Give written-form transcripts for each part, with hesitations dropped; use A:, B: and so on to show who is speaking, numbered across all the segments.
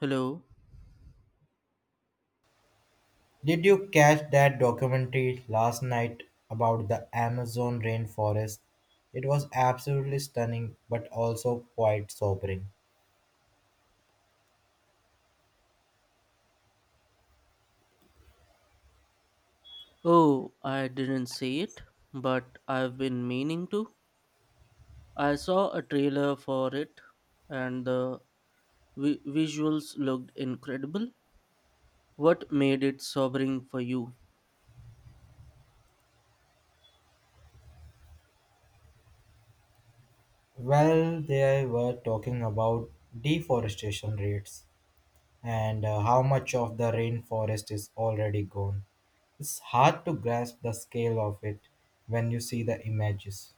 A: Hello.
B: Did you catch that documentary last night about the Amazon rainforest? It was absolutely stunning but also quite sobering.
A: Oh, I didn't see it, but I've been meaning to. I saw a trailer for it, and the visuals looked incredible. What made it sobering for you?
B: Well, they were talking about deforestation rates and how much of the rainforest is already gone. It's hard to grasp the scale of it when you see the images.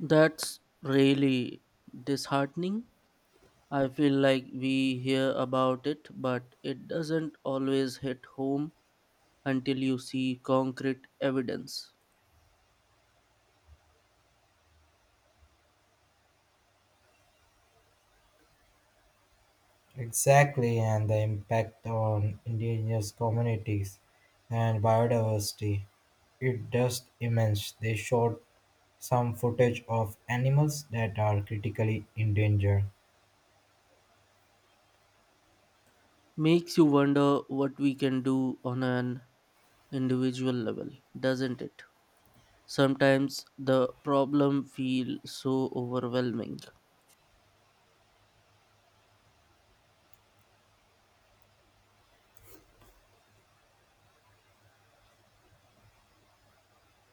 A: That's really disheartening. I feel like we hear about it, but it doesn't always hit home until you see concrete evidence.
B: Exactly, and the impact on indigenous communities and biodiversity. It just immense. They showed some footage of animals that are critically endangered.
A: Makes you wonder what we can do on an individual level, doesn't it? Sometimes the problem feels so overwhelming.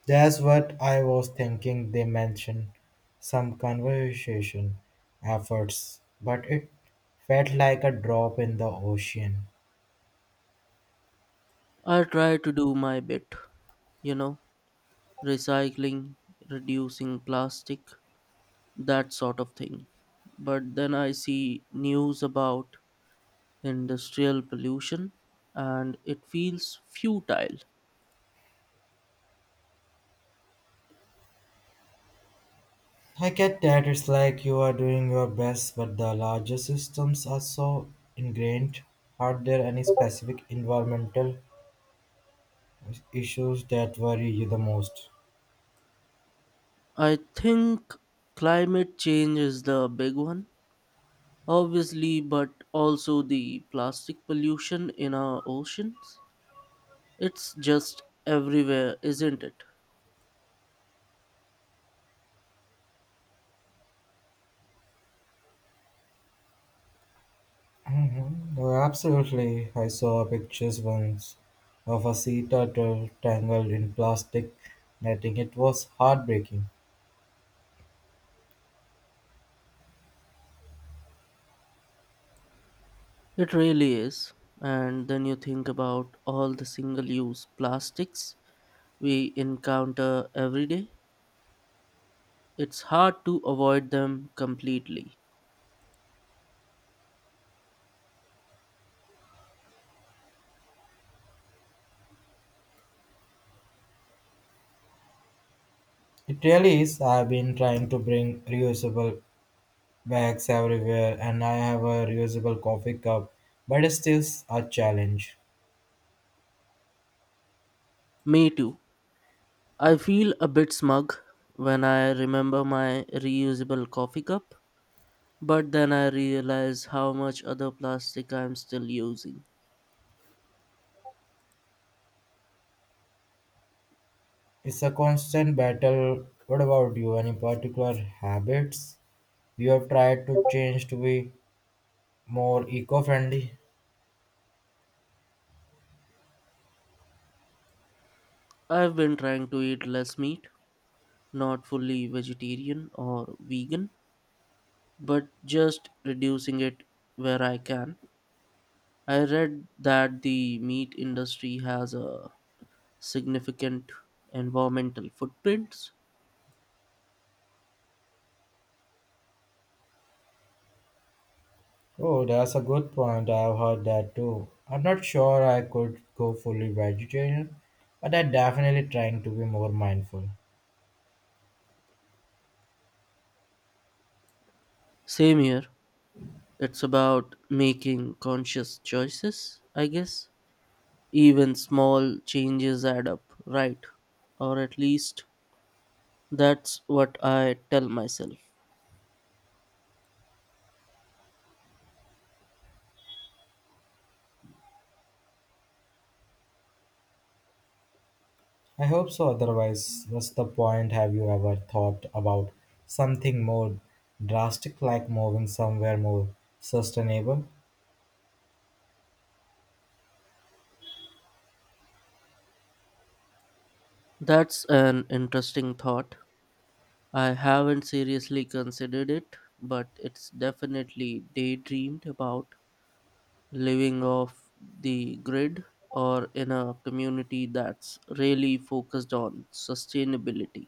B: That's what I was thinking. They mentioned some conservation efforts, but it felt like a drop in the ocean.
A: I try to do my bit, you know, recycling, reducing plastic, that sort of thing. But then I see news about industrial pollution and it feels futile.
B: I get that it's like you are doing your best, but the larger systems are so ingrained. Are there any specific environmental issues that worry you the most?
A: I think climate change is the big one, obviously, but also the plastic pollution in our oceans. It's just everywhere, isn't it?
B: Mhm. Oh, absolutely. I saw pictures once of a sea turtle tangled in plastic netting. It was heartbreaking.
A: It really is. And then you think about all the single use plastics we encounter every day. It's hard to avoid them completely.
B: It really is. I've been trying to bring reusable bags everywhere, and I have a reusable coffee cup, but it's still a challenge.
A: Me too. I feel a bit smug when I remember my reusable coffee cup, but then I realize how much other plastic I'm still using.
B: It's a constant battle. What about you? Any particular habits you have tried to change to be more eco friendly?
A: I've been trying to eat less meat, not fully vegetarian or vegan, but just reducing it where I can. I read that the meat industry has a significant environmental footprint.
B: Oh, that's a good point. I've heard that too. I'm not sure I could go fully vegetarian, but I'm definitely trying to be more mindful.
A: Same here. It's about making conscious choices, I guess. Even small changes add up, right? Or at least that's what I tell myself.
B: I hope so, otherwise, what's the point? Have you ever thought about something more drastic like moving somewhere more sustainable?
A: That's an interesting thought. I haven't seriously considered it, but it's definitely daydreamed about. Living off the grid or in a community that's really focused on sustainability?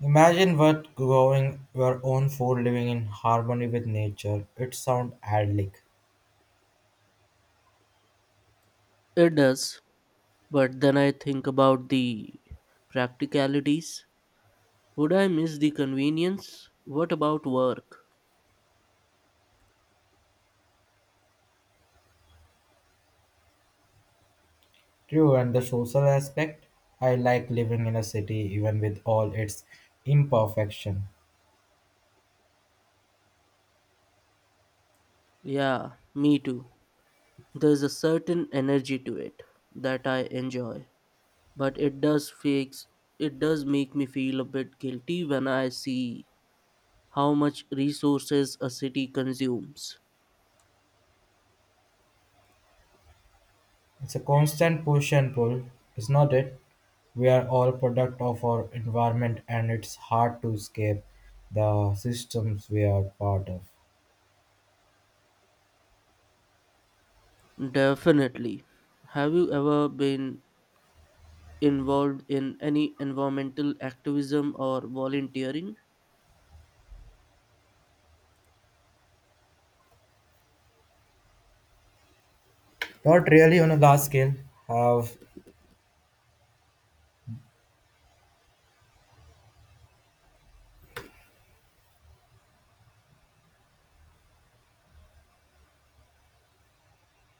B: Imagine what growing your own food living in harmony with nature. It sounds idyllic.
A: It does, but then I think about the practicalities. Would I miss the convenience? What about work?
B: True, and the social aspect, I like living in a city even with all its imperfection.
A: Yeah, me too. There's a certain energy to it that I enjoy, but it does fakes it does make me feel a bit guilty when I see how much resources a city consumes.
B: It's a constant push and pull, is not it? We are all product of our environment and it's hard to escape the systems we are part of.
A: Definitely. Have you ever been involved in any environmental activism or volunteering?
B: Not really on a large scale. Have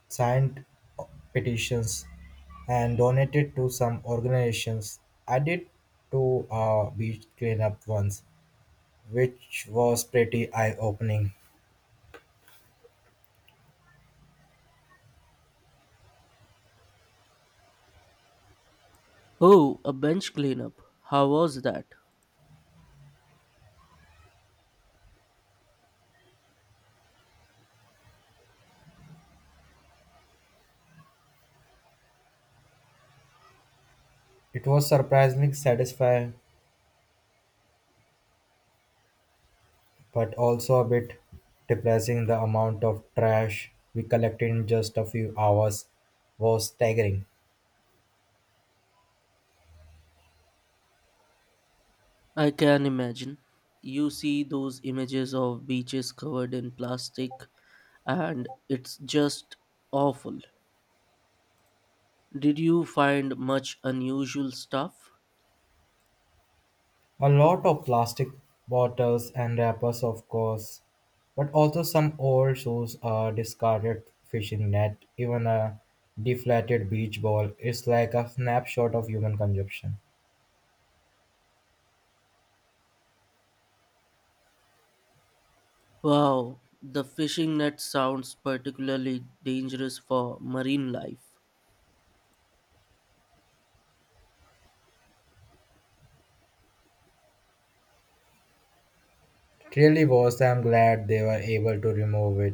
B: signed petitions and donated to some organizations. I did to a beach cleanup once, which was pretty eye opening.
A: Oh, a bench cleanup. How was that?
B: It was surprisingly satisfying, but also a bit depressing. The amount of trash we collected in just a few hours was staggering.
A: I can imagine. You see those images of beaches covered in plastic, and it's just awful. Did you find much unusual stuff?
B: A lot of plastic bottles and wrappers, of course, but also some old shoes, a discarded fishing net, even a deflated beach ball. It's like a snapshot of human consumption.
A: Wow, the fishing net sounds particularly dangerous for marine life.
B: It really was. I'm glad they were able to remove it.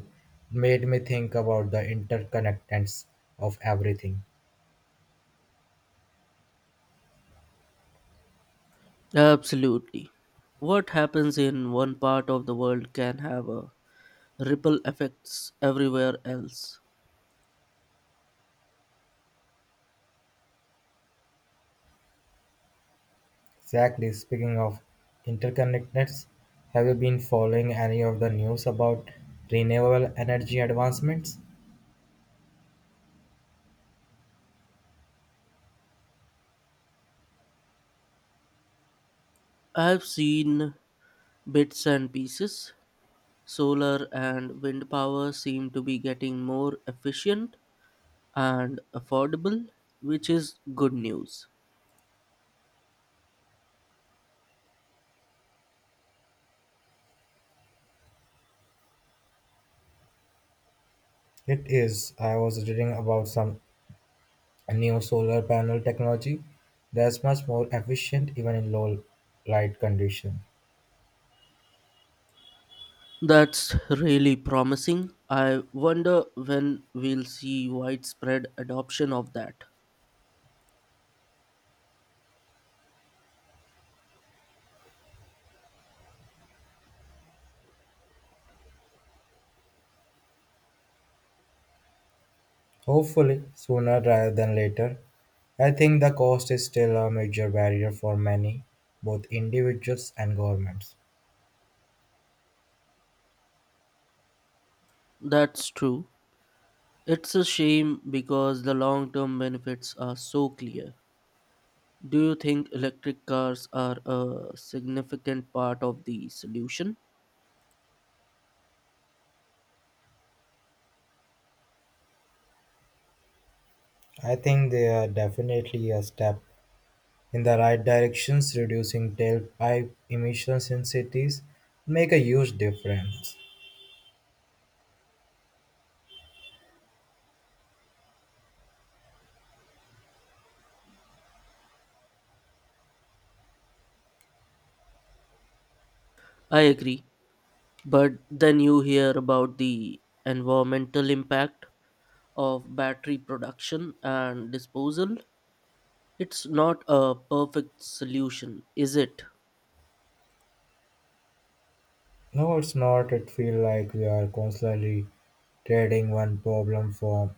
B: Made me think about the interconnectedness of everything.
A: Absolutely. What happens in one part of the world can have a ripple effects everywhere else.
B: Exactly. Speaking of interconnectedness, have you been following any of the news about renewable energy advancements?
A: I've seen bits and pieces. Solar and wind power seem to be getting more efficient and affordable, which is good news.
B: It is. I was reading about some new solar panel technology that's much more efficient even in low light condition.
A: That's really promising. I wonder when we'll see widespread adoption of that.
B: Hopefully sooner rather than later. I think the cost is still a major barrier for many, both individuals and governments.
A: That's true. It's a shame because the long term benefits are so clear. Do you think electric cars are a significant part of the solution?
B: I think they are definitely a step in the right directions reducing tailpipe emissions in cities make a huge difference.
A: I agree, but then you hear about the environmental impact of battery production and disposal. It's not a perfect solution, is it?
B: No, it's not. It feels like we are constantly trading one problem for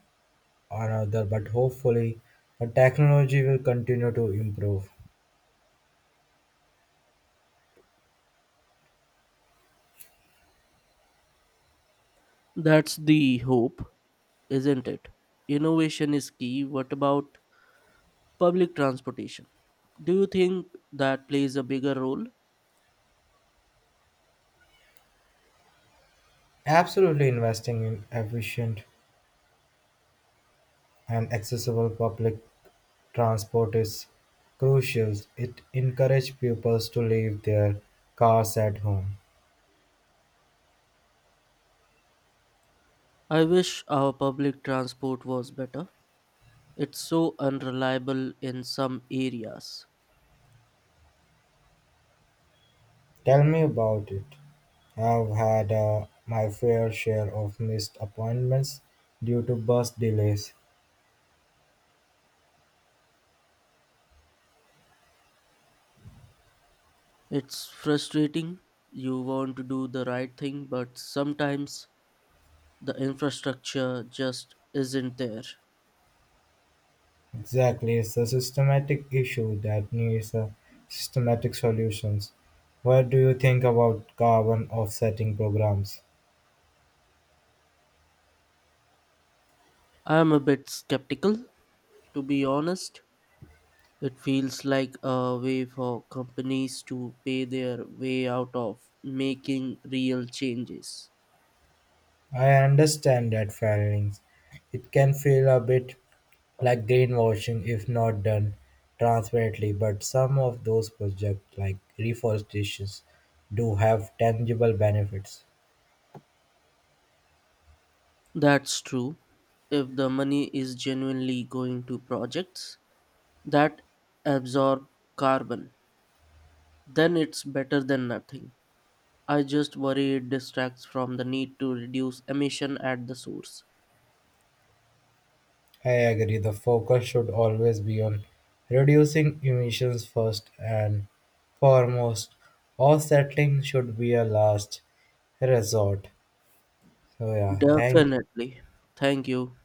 B: another, but hopefully, the technology will continue to improve.
A: That's the hope, isn't it? Innovation is key. What about public transportation? Do you think that plays a bigger role?
B: Absolutely, investing in efficient and accessible public transport is crucial. It encourages pupils to leave their cars at home.
A: I wish our public transport was better. It's so unreliable in some areas.
B: Tell me about it. I've had my fair share of missed appointments due to bus delays.
A: It's frustrating. You want to do the right thing, but sometimes the infrastructure just isn't there.
B: Exactly, it's a systematic issue that needs a systematic solutions. What do you think about carbon offsetting programs?
A: I am a bit skeptical, to be honest. It feels like a way for companies to pay their way out of making real changes.
B: I understand that failings. It can feel a bit like greenwashing if not done transparently, but some of those projects like reforestations do have tangible benefits.
A: That's true. If the money is genuinely going to projects, that absorb carbon, then it's better than nothing. I just worry it distracts from the need to reduce emission at the source.
B: I agree, the focus should always be on reducing emissions first and foremost. Offsetting should be a last resort. So, yeah, thank
A: Definitely. Thank you.